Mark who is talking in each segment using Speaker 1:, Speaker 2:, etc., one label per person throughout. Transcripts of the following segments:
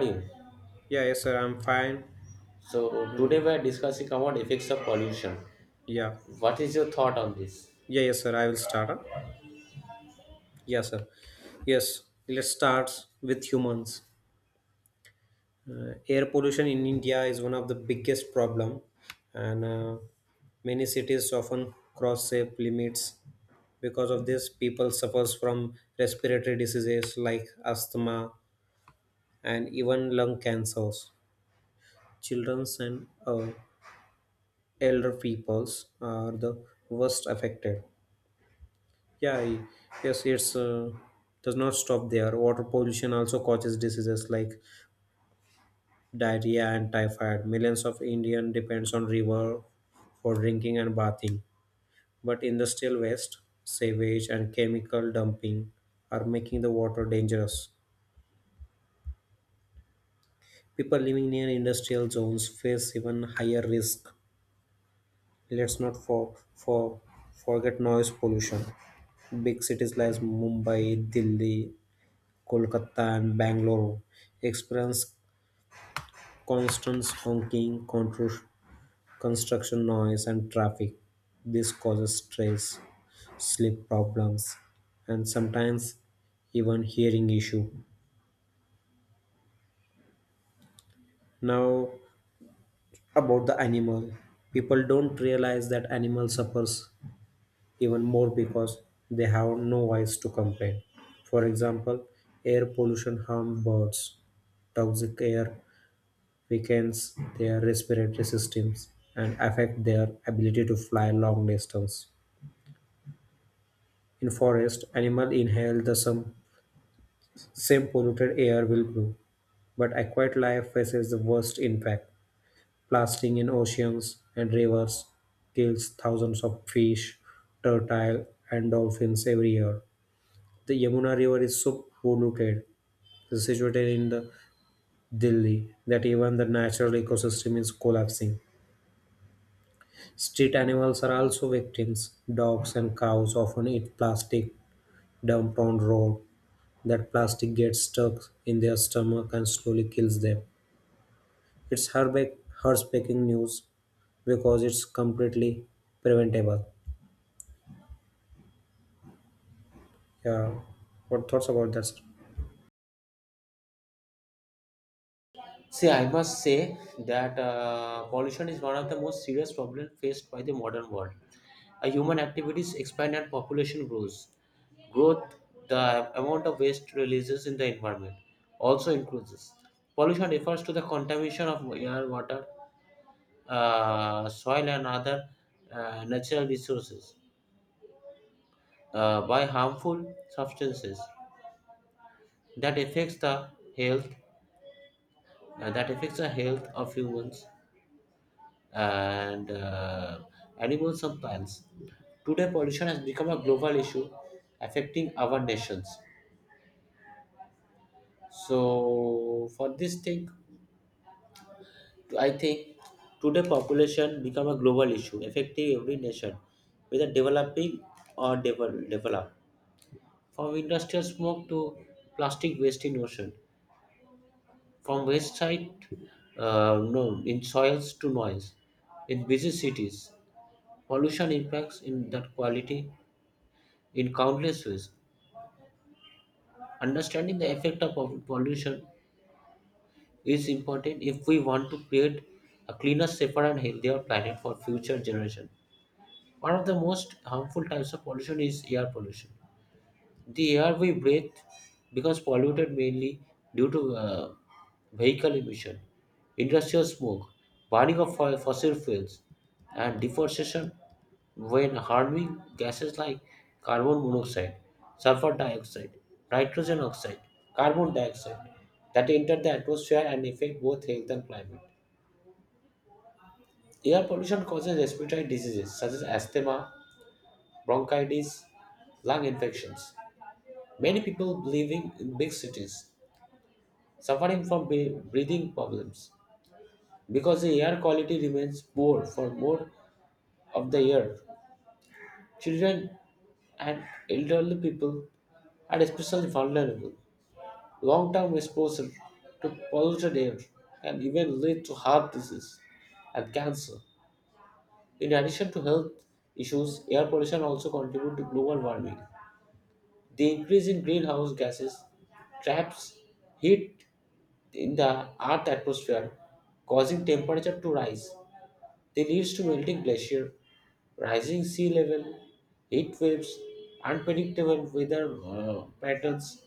Speaker 1: Fine.
Speaker 2: Yeah, yes, sir. I'm fine.
Speaker 1: So today
Speaker 2: Mm,
Speaker 1: we are discussing about effects of pollution.
Speaker 2: yeah.
Speaker 1: What is your thought on this?
Speaker 2: Yeah, yes, sir. I will start. Huh? Yeah, sir. Yes, let's start with humans. Air pollution in India is one of the biggest problem, and many cities often cross safe limits. Because of this, people suffers from respiratory diseases like asthma and even lung cancers. Children and elder peoples are the worst affected. Yeah, yes, it's does not stop there. Water pollution also causes diseases like diarrhea and typhoid. Millions of Indian depends on river for drinking and bathing, but industrial waste, sewage, and chemical dumping are making the water dangerous. People living near industrial zones face even higher risk. Let's not forget noise pollution. Big cities like Mumbai, Delhi, Kolkata and Bangalore experience constant honking, construction noise, and traffic. This causes stress, sleep problems, and sometimes even hearing issue. Now about the animal, people don't realize that animal suffers even more because they have no voice to complain. For example, air pollution harms birds, toxic air weakens their respiratory systems and affect their ability to fly long distance. In forest, animals inhale the same polluted air will grow, but aquatic life faces the worst impact. Blasting in oceans and rivers kills thousands of fish, turtle, and dolphins every year. The Yamuna River is so polluted, situated in the Delhi, that even the natural ecosystem is collapsing. Street animals are also victims. Dogs and cows often eat plastic dumped on road. That plastic gets stuck in their stomach and slowly kills them. It's heartbreaking news because it's completely preventable. Yeah. What thoughts about that, sir?
Speaker 1: See, I must say that pollution is one of the most serious problems faced by the modern world. Human activities expand and population grows. Growth, the amount of waste releases in the environment, also increases. Pollution refers to the contamination of air, water, soil, and other natural resources by harmful substances that affects the health that affects the health of humans and animals and plants. Today pollution has become a global issue affecting our nations, so for this thing I think today population become a global issue affecting every nation, whether developing or developed, from industrial smoke to plastic waste in ocean. From waste site, no, in soils to noise. In busy cities, pollution impacts in that quality in countless ways. Understanding the effect of pollution is important if we want to create a cleaner, safer, and healthier planet for future generations. One of the most harmful types of pollution is air pollution. The air we breathe becomes polluted mainly due to vehicle emission, industrial smoke, burning of fossil fuels, and deforestation, when harming gases like carbon monoxide, sulfur dioxide, nitrogen oxide, carbon dioxide that enter the atmosphere and affect both health and climate. Air pollution causes respiratory diseases such as asthma, bronchitis, lung infections. Many people living in big cities suffering from breathing problems because the air quality remains poor for more of the year. Children and elderly people are especially vulnerable. Long term exposure to polluted air can even lead to heart disease and cancer. In addition to health issues, air pollution also contributes to global warming. The increase in greenhouse gases traps heat in the Earth's atmosphere, causing temperature to rise. They leads to melting glacier, rising sea level, heat waves, unpredictable weather patterns.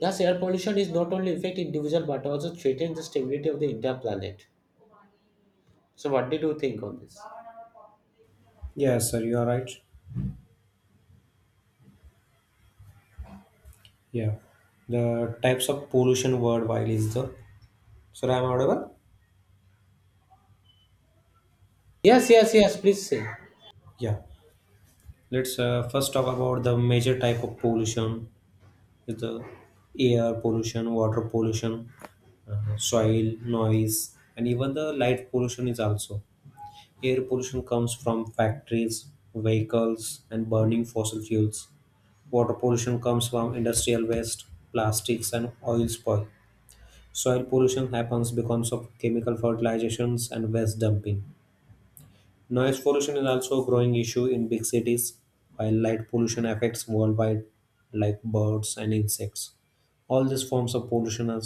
Speaker 1: Thus, air pollution is not only affect individual but also threatens the stability of the entire planet. So, what did you think on this?
Speaker 2: Yeah, sir, you are right. Yeah. The types of pollution worldwide is the. Sir, I'm audible?
Speaker 1: Yes, yes, yes. Please say.
Speaker 2: Yeah. Let's first talk about the major type of pollution with the air pollution, water pollution, soil noise, and even the light pollution is also. Air pollution comes from factories, vehicles, and burning fossil fuels. Water pollution comes from industrial waste, plastics, and oil spoil. Soil pollution happens because of chemical fertilizations and waste dumping. Noise pollution is also a growing issue in big cities, while light pollution affects worldwide like birds and insects. All these forms of pollution are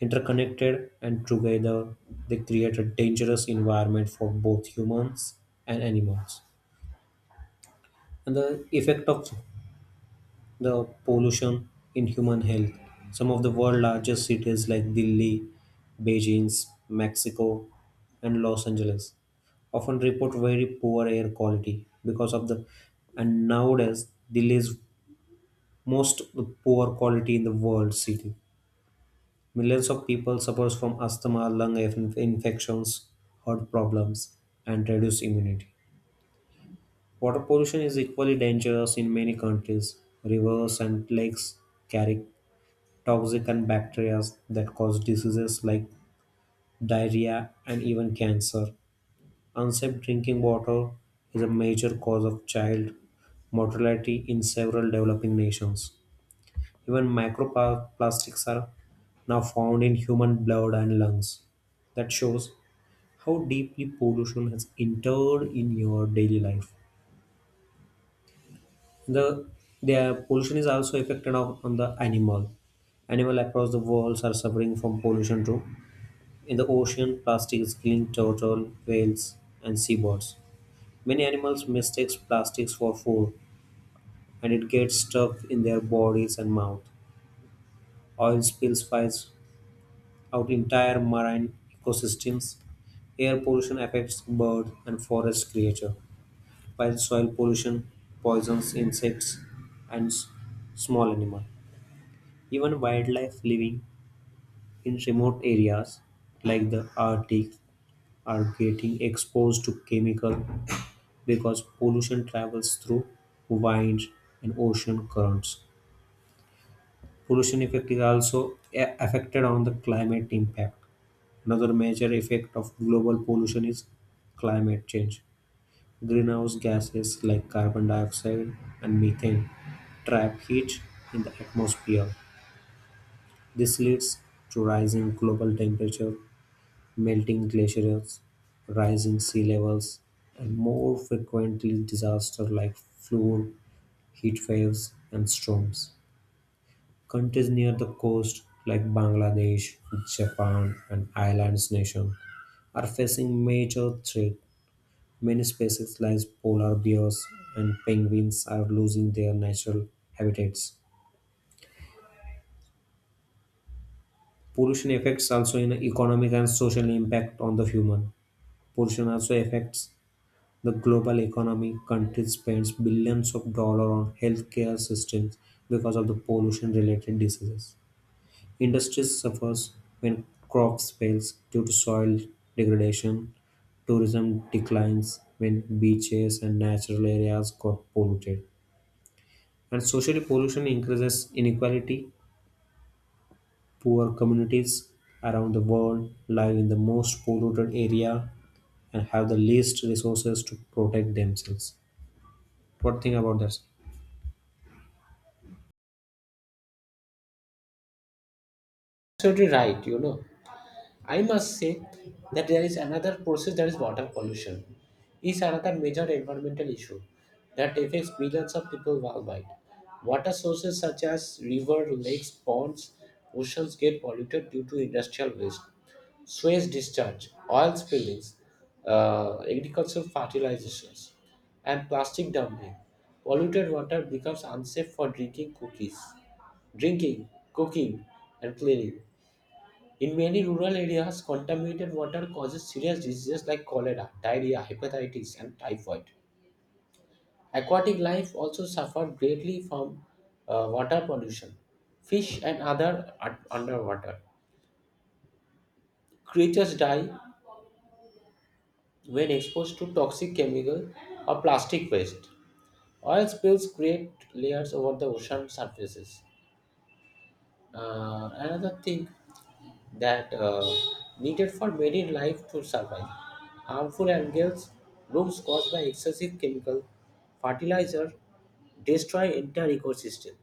Speaker 2: interconnected and together they create a dangerous environment for both humans and animals. And the effect of the pollution in human health. Some of the world's largest cities like Delhi, Beijing, Mexico, and Los Angeles often report very poor air quality because of the and nowadays Delhi is most poor quality in the world city. Millions of people suffers from asthma, infections, heart problems, and reduced immunity. Water pollution is equally dangerous in many countries. Rivers and lakes carry toxic and bacteria that cause diseases like diarrhea and even cancer. Unsafe drinking water is a major cause of child mortality in several developing nations. Even microplastics are now found in human blood and lungs. That shows how deeply pollution has entered in your daily life. The, the pollution is also affected on the animal. Animal across the world are suffering from pollution too. In the ocean, plastic is killing turtle, whales, and seabirds. Many animals mistakes plastics for food, and it gets stuck in their bodies and mouth. Oil spills fires out entire marine ecosystems. Air pollution affects bird and forest creature, while soil pollution poisons insects and small animals. Even wildlife living in remote areas like the Arctic are getting exposed to chemical because pollution travels through winds and ocean currents. Pollution effect is also affected on the climate impact. Another major effect of global pollution is climate change. Greenhouse gases like carbon dioxide and methane trap heat in the atmosphere. This leads to rising global temperature, melting glaciers, rising sea levels, and more frequently disasters like flood. Heat waves and storms: countries near the coast like Bangladesh, Japan and islands nations are facing major threat. Many species like polar bears and penguins are losing their natural habitats. Pollution affects also in economic and social impact on the human. Pollution also affects the global economy. Countries spends billions of dollars on healthcare systems because of the pollution related diseases. Industry suffers when crops fails due to soil degradation. Tourism declines when beaches and natural areas got polluted. And social pollution increases inequality. Poor communities around the world live in the most polluted area and have the least resources to protect themselves. What think about that?
Speaker 1: Absolutely right, you know. I must say that there is another process that is water pollution, is another major environmental issue that affects millions of people worldwide. Water sources such as river, lakes, ponds, oceans get polluted due to industrial waste, sewage discharge, oil spillings, agricultural fertilizations, and plastic dumping. Polluted water becomes unsafe for drinking, cooking, and cleaning. In many rural areas, contaminated water causes serious diseases like cholera, diarrhea, hepatitis, and typhoid. Aquatic life also suffered greatly from water pollution. Fish and other underwater creatures die when exposed to toxic chemical or plastic waste. Oil spills create layers over the ocean surfaces. Another thing that needed for marine life to survive, harmful algal blooms caused by excessive chemical fertilizer destroy entire ecosystem.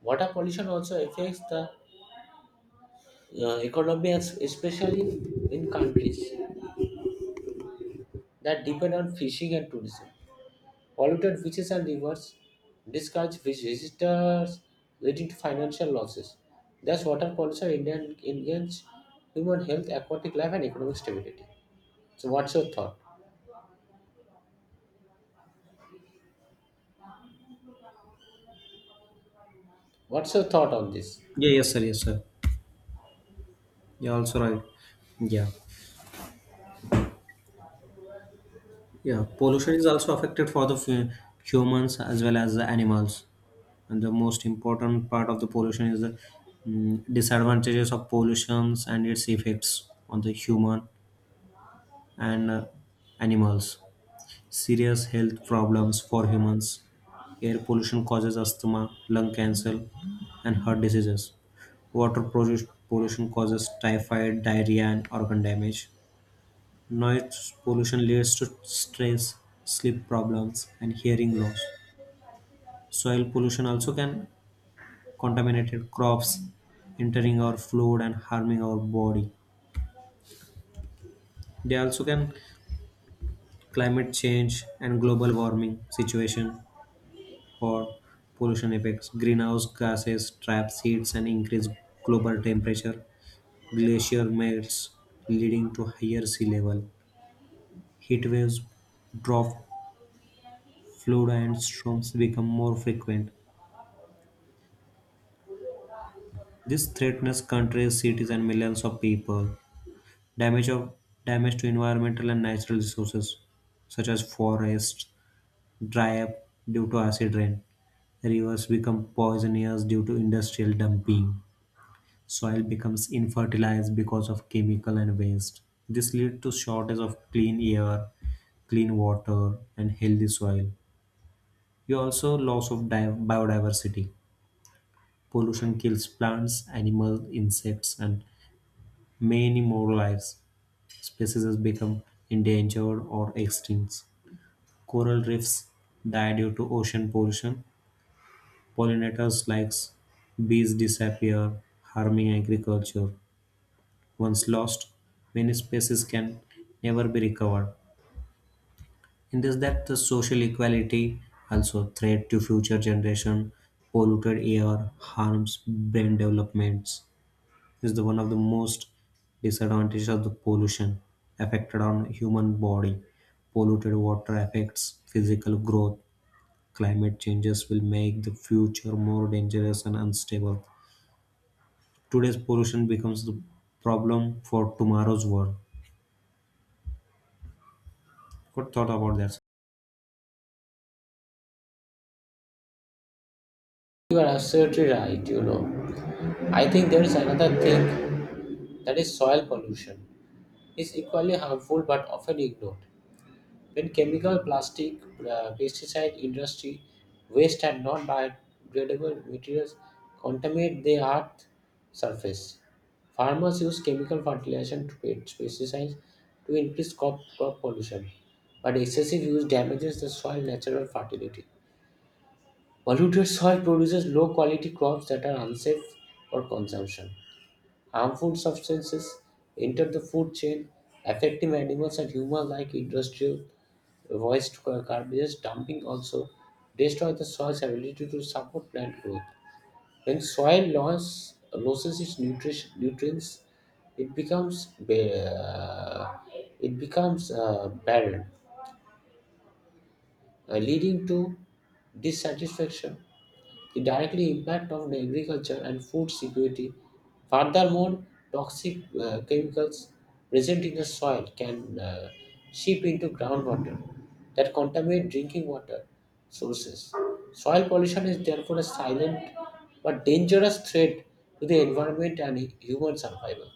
Speaker 1: Water pollution also affects the economy, especially in countries that depend on fishing and tourism. Polluted fishes and rivers discharge fish registers, leading to financial losses. Thus, water pollution Indians human health, aquatic life, and economic stability. So, what's your thought? What's your thought on this?
Speaker 2: Yeah, yes, sir, yes, sir. Yeah, also right. Yeah. Yeah, pollution is also affected for the humans as well as the animals. And the most important part of the pollution is the mm, disadvantages of pollutions and its effects on the human and animals. Serious health problems for humans. Air pollution causes asthma, lung cancer, and heart diseases. Pollution causes typhoid, diarrhea, and organ damage. Noise pollution leads to stress, sleep problems, and hearing loss. Soil pollution also can contaminate crops, entering our food and harming our body. They also can climate change and global warming situation for pollution effects, greenhouse gases, trap seeds, and increase global temperature, glacier melts, leading to higher sea level. Heat waves, drought, flood, and storms become more frequent. This threatens countries, cities, and millions of people. Damage of Damage to environmental and natural resources, such as forests, dry up due to acid rain. Rivers become poisonous due to industrial dumping. Soil becomes infertilized because of chemical and waste. This leads to shortage of clean air, clean water, and healthy soil. You also loss of biodiversity. Pollution kills plants, animals, insects, and many more lives species become endangered or extinct. Coral reefs die due to ocean pollution. Pollinators like bees disappear, harming agriculture. Once lost, many species can never be recovered. In this, that the social equality also threat to future generation, polluted air harms brain developments. Is the one of the most disadvantages of the pollution affected on human body. Polluted water affects physical growth. Climate changes will make the future more dangerous and unstable. Today's pollution becomes the problem for tomorrow's world. What thought about that?
Speaker 1: You are absolutely right. You know, I think there is another thing that is soil pollution, is equally harmful but often ignored. When chemical, plastic, pesticide industry, waste and non-biodegradable materials contaminate the earth surface. Farmers use chemical fertilization to create pesticides to increase crop pollution, but excessive use damages the soil natural fertility. Polluted soil produces low quality crops that are unsafe for consumption. Harmful substances enter the food chain, affecting animals and humans, like industrial waste garbage dumping also destroy the soil's ability to support plant growth. When loses its nutrients, it becomes barren, leading to dissatisfaction. The direct impact on the agriculture and food security. Furthermore, toxic chemicals present in the soil can seep into groundwater that contaminate drinking water sources. Soil pollution is therefore a silent but dangerous threat to the environment and human survival.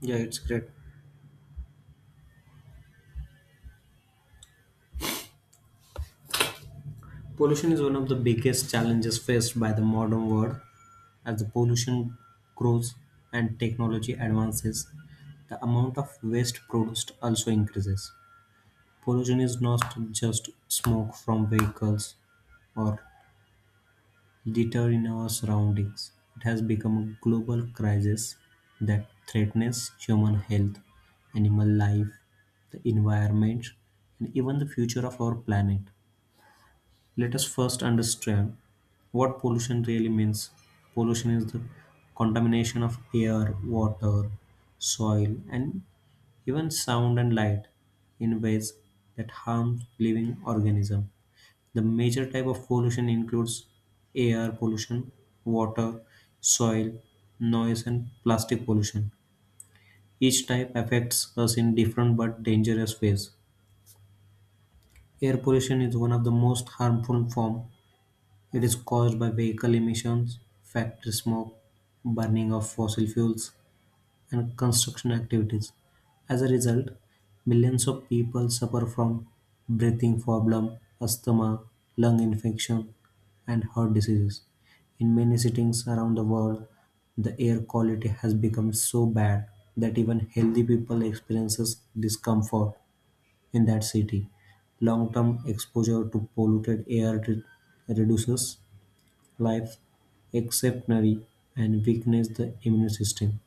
Speaker 2: Yeah, it's great. Pollution is one of the biggest challenges faced by the modern world. As the pollution grows and technology advances, the amount of waste produced also increases. Pollution is not just smoke from vehicles or litter in our surroundings. It has become a global crisis that threatens human health, animal life, the environment, and even the future of our planet. Let us first understand what pollution really means. Pollution is the contamination of air, water, soil, and even sound and light in ways that harm living organism. The major type of pollution includes air pollution, water, soil, noise, and plastic pollution. Each type affects us in different but dangerous ways. Air pollution is one of the most harmful form. It is caused by vehicle emissions, factory smoke, burning of fossil fuels, and construction activities. As a result, millions of people suffer from breathing problem, asthma, lung infection, and heart diseases. In many cities around the world, the air quality has become so bad that even healthy people experiences discomfort in that city. Long-term exposure to polluted air reduces life exemplary and weakens the immune system.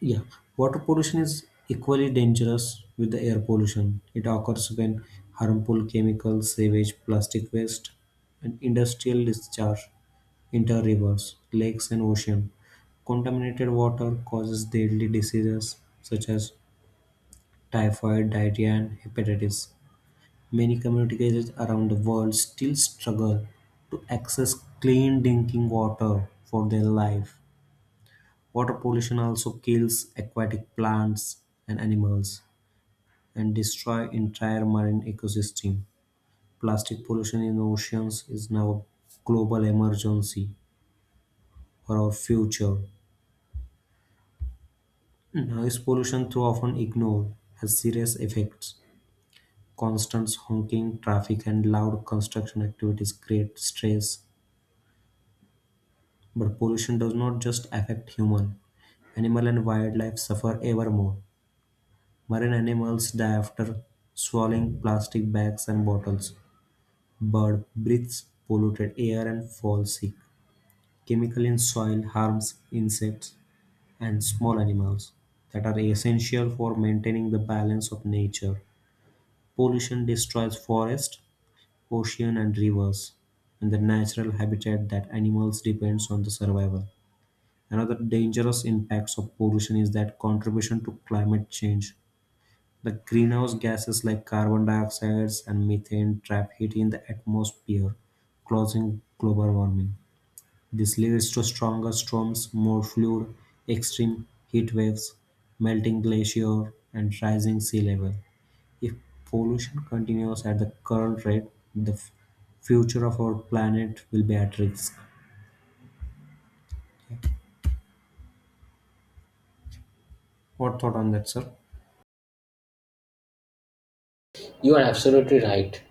Speaker 2: Yeah, water pollution is equally dangerous with the air pollution. It occurs when harmful chemicals, sewage, plastic waste, and industrial discharge enter rivers, lakes, and ocean. Contaminated water causes deadly diseases such as typhoid, diarrhea, and hepatitis. Many communities around the world still struggle to access clean drinking water for their life. Water pollution also kills aquatic plants and animals and destroy entire marine ecosystem. Plastic pollution in oceans is now a global emergency for our future. Noise pollution, though often ignored, has serious effects. Constant honking, traffic, and loud construction activities create stress. But pollution does not just affect human. Animal and wildlife suffer ever more. Marine animals die after swallowing plastic bags and bottles. Bird breathes polluted air and falls sick. Chemical in soil harms insects and small animals that are essential for maintaining the balance of nature. Pollution destroys forests, ocean and rivers and the natural habitat that animals depends on the survival. Another dangerous impacts of pollution is that contribution to climate change. The greenhouse gases like carbon dioxide and methane trap heat in the atmosphere, causing global warming. This leads to stronger storms, more fluid, extreme heat waves, melting glacier, and rising sea level. If pollution continues at the current rate, the f- future of our planet will be at risk. What thought on that, sir?
Speaker 1: You are absolutely right.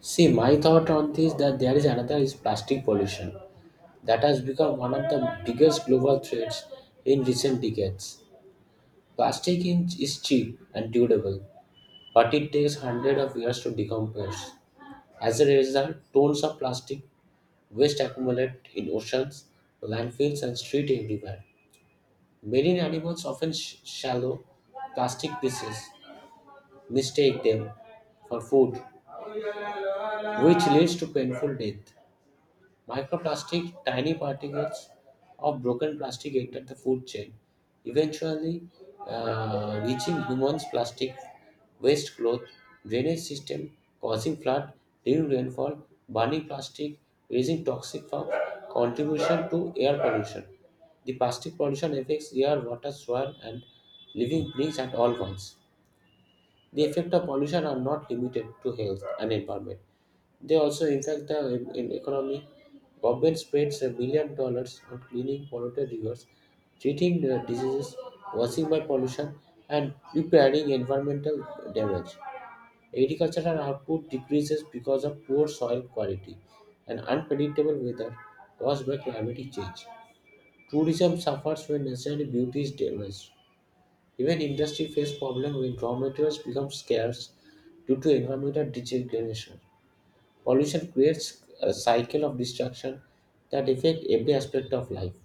Speaker 1: See, my thought on this that there is another is plastic pollution that has become one of the biggest global threats in recent decades. Is cheap and durable, but it takes hundreds of years to decompose. As a result, tons of plastic waste accumulate in oceans, landfills, and streets everywhere. Marine animals often shallow plastic pieces mistake them for food, which leads to painful death. Microplastic, tiny particles of broken plastic enter the food chain, eventually reaching humans' plastic waste cloth, drainage system, causing flood, dew rainfall, burning plastic, releasing toxic fog, contribution to air pollution. The plastic pollution affects air, water, soil, and living beings at all once. The effect of pollution are not limited to health and environment. They also impact the economy. Government spends $1 million on cleaning polluted rivers, treating the diseases, washing by pollution, and repairing environmental damage. Agricultural output decreases because of poor soil quality and unpredictable weather caused by climatic change. Tourism suffers when natural beauty is damaged. Even industry face problems when raw materials become scarce due to environmental degradation. Pollution creates a cycle of destruction that affect every aspect of life.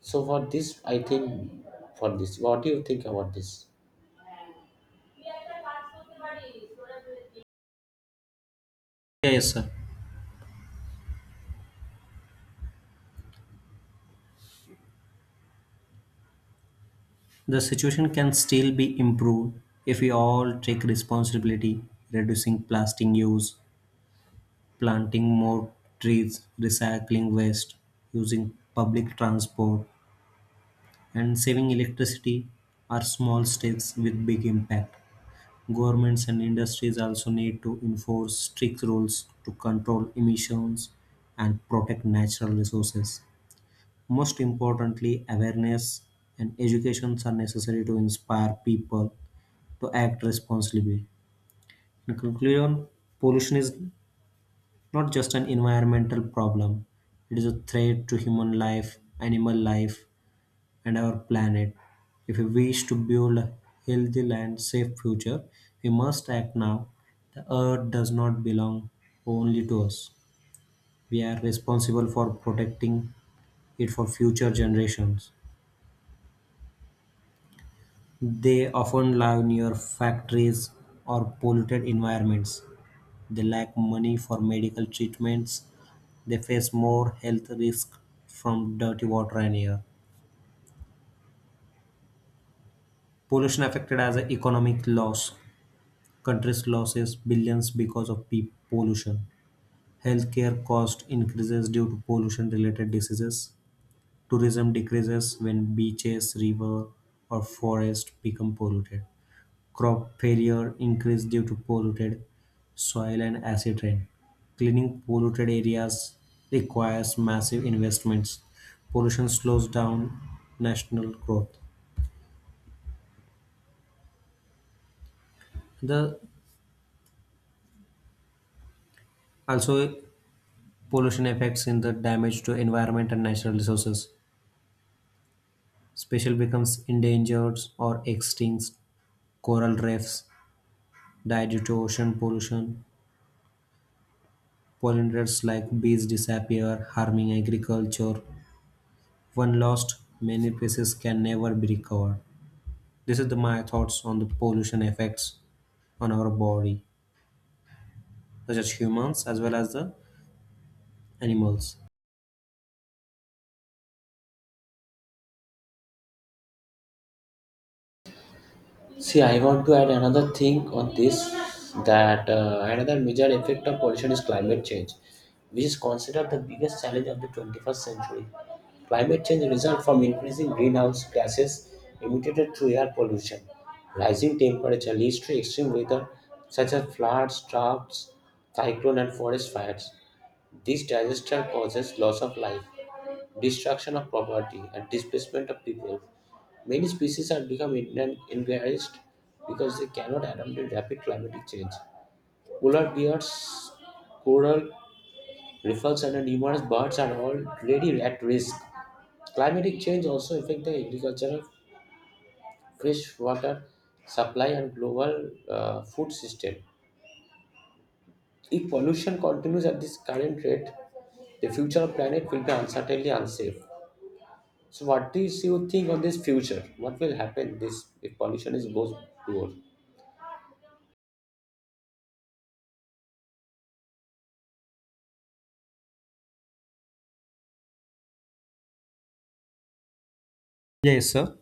Speaker 1: So for this, I think what do you think about this?
Speaker 2: Yeah, yes, sir. The situation can still be improved if we all take responsibility, reducing plastic use, planting more trees, recycling waste, using public transport, and saving electricity are small steps with big impact. Governments and industries also need to enforce strict rules to control emissions and protect natural resources. Most importantly, awareness and educations are necessary to inspire people to act responsibly. In conclusion, pollution is not just an environmental problem, it is a threat to human life, animal life, and our planet. If we wish to build a healthy and safe future, we must act now. The earth does not belong only to us. We are responsible for protecting it for future generations. They often live near factories or polluted environments. They lack money for medical treatments. They face more health risks from dirty water and air. Pollution affected as an economic loss. Countries loses billions because of pollution. Healthcare cost increases due to pollution related diseases. Tourism decreases when beaches, river or forest become polluted. Crop failure increased due to polluted soil and acid rain. Cleaning polluted areas requires massive investments. Pollution slows down national growth. The also pollution affects in the damage to environment and natural resources. Special becomes endangered or extinct. Coral reefs die due to ocean pollution. Pollinators like bees disappear, harming agriculture. One lost, many pieces can never be recovered. This is the, my thoughts on the pollution effects on our body, such as humans as well as the animals.
Speaker 1: See, I want to add another thing on this that another major effect of pollution is climate change, which is considered the biggest challenge of the 21st century. Climate change results from increasing greenhouse gases emitted through air pollution. Rising temperature leads to extreme weather such as floods, droughts, cyclone, and forest fires. These disasters causes loss of life, destruction of property, and displacement of people. Many species have become endangered because they cannot adapt to rapid climatic change. Polar bears, coral reefs, and numerous birds are already at risk. Climatic change also affects the agricultural, fresh water supply, and global food system. If pollution continues at this current rate, the future of planet will be uncertainly unsafe. So, what do you think on this future? What will happen this if pollution is goes poor?
Speaker 2: Yes, sir.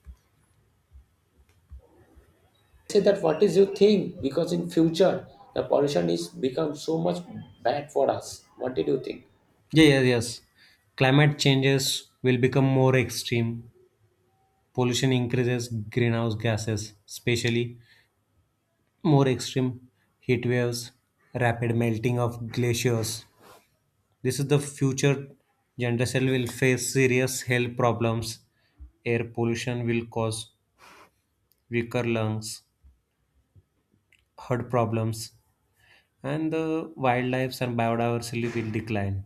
Speaker 1: Say that what is your thing, because in future the pollution is become so much bad for us. What did you think?
Speaker 2: Yeah, yeah, yes. Climate changes will become more extreme. Pollution increases greenhouse gases, especially more extreme heat waves, rapid melting of glaciers. This is the future generation will face serious health problems. Air pollution will cause weaker lungs, heart problems, and the wildlife and biodiversity will decline.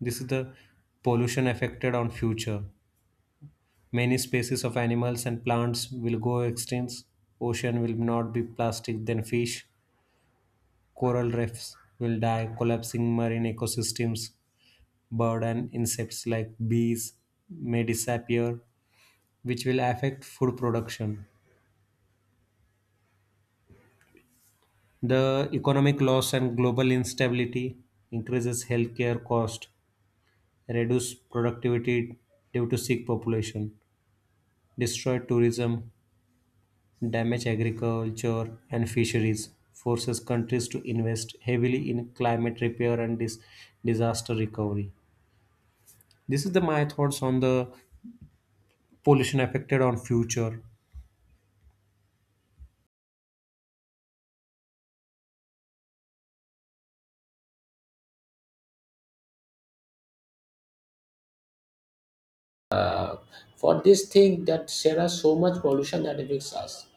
Speaker 2: This is the pollution affected on future. Many species of animals and plants will go extinct. Ocean will not be plastic than fish. Coral reefs will die, collapsing marine ecosystems. Bird and insects like bees may disappear, which will affect food production. The economic loss and global instability increases healthcare cost reduce productivity due to sick population, destroy tourism, damage agriculture and fisheries, forces countries to invest heavily in climate repair and disaster recovery. This is the my thoughts on the pollution affected on future.
Speaker 1: For this thing that there are so much pollution that affects us,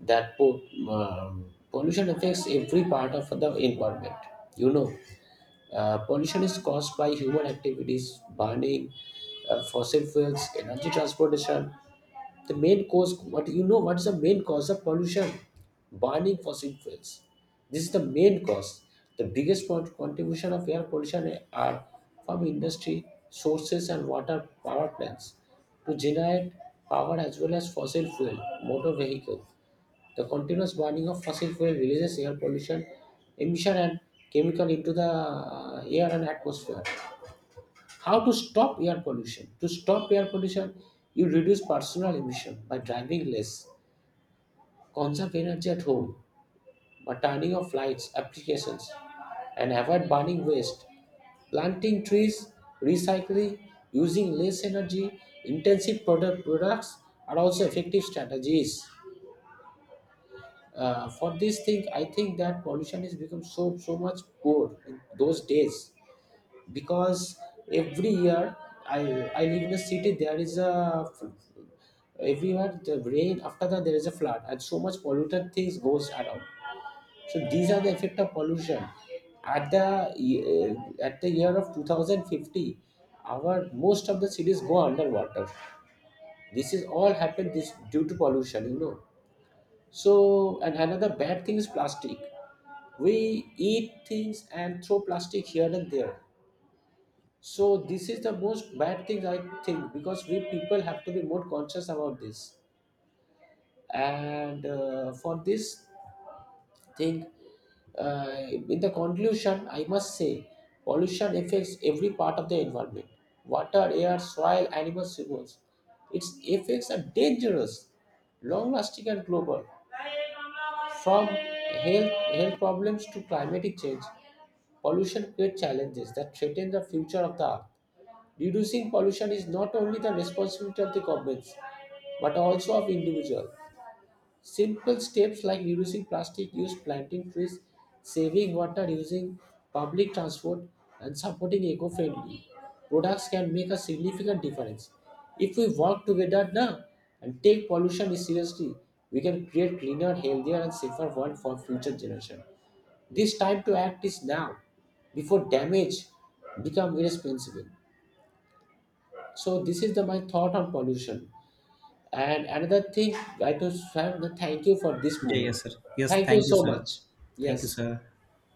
Speaker 1: that pollution affects every part of the environment, you know. Pollution is caused by human activities, burning, fossil fuels, energy transportation. The main cause, what you know, what's the main cause of pollution? Burning fossil fuels. This is the main cause. The biggest contribution of air pollution are from industry, sources, and water power plants to generate power as well as fossil fuel, motor vehicles. The continuous burning of fossil fuel releases air pollution, emission and chemical into the air and atmosphere. How to stop air pollution? To stop air pollution, you reduce personal emission by driving less, conserve energy at home by turning off lights, applications, and avoid burning waste, planting trees, recycling, using less energy, intensive product products are also effective strategies. For this thing I think that pollution has become so much poor in those days, because every year i I live in a city, there is a everywhere the rain, after that there is a flood and so much polluted things goes around. So these are the effect of pollution. at the ye- at the year of 2050, our most of the cities go underwater. This is all happened this due to pollution, you know. So, and another bad thing is plastic. We eat things and throw plastic here and there. So, this is the most bad thing I think, because we people have to be more conscious about this. And for this thing, uh, in the conclusion, I must say pollution affects every part of the environment: water, air, soil, animals, rivers. Its effects are dangerous, long lasting, and global. From health problems to climatic change, pollution creates challenges that threaten the future of the earth. Reducing pollution is not only the responsibility of the governments, but also of individuals. Simple steps like reducing plastic use, planting trees, saving water, using public transport, and supporting eco friendly products can make a significant difference. If we work together now and take pollution seriously, we can create cleaner, healthier, and safer world for future generations. This time to act is now, before damage become irresponsible. So this is the my thought on pollution. And another thing, I to have the thank you for this
Speaker 2: Yeah,
Speaker 1: moment.
Speaker 2: yes, sir. Yes,
Speaker 1: Thank you
Speaker 2: thank you,
Speaker 1: so
Speaker 2: sir.
Speaker 1: much.
Speaker 2: Thank you,
Speaker 1: Yes.
Speaker 2: sir.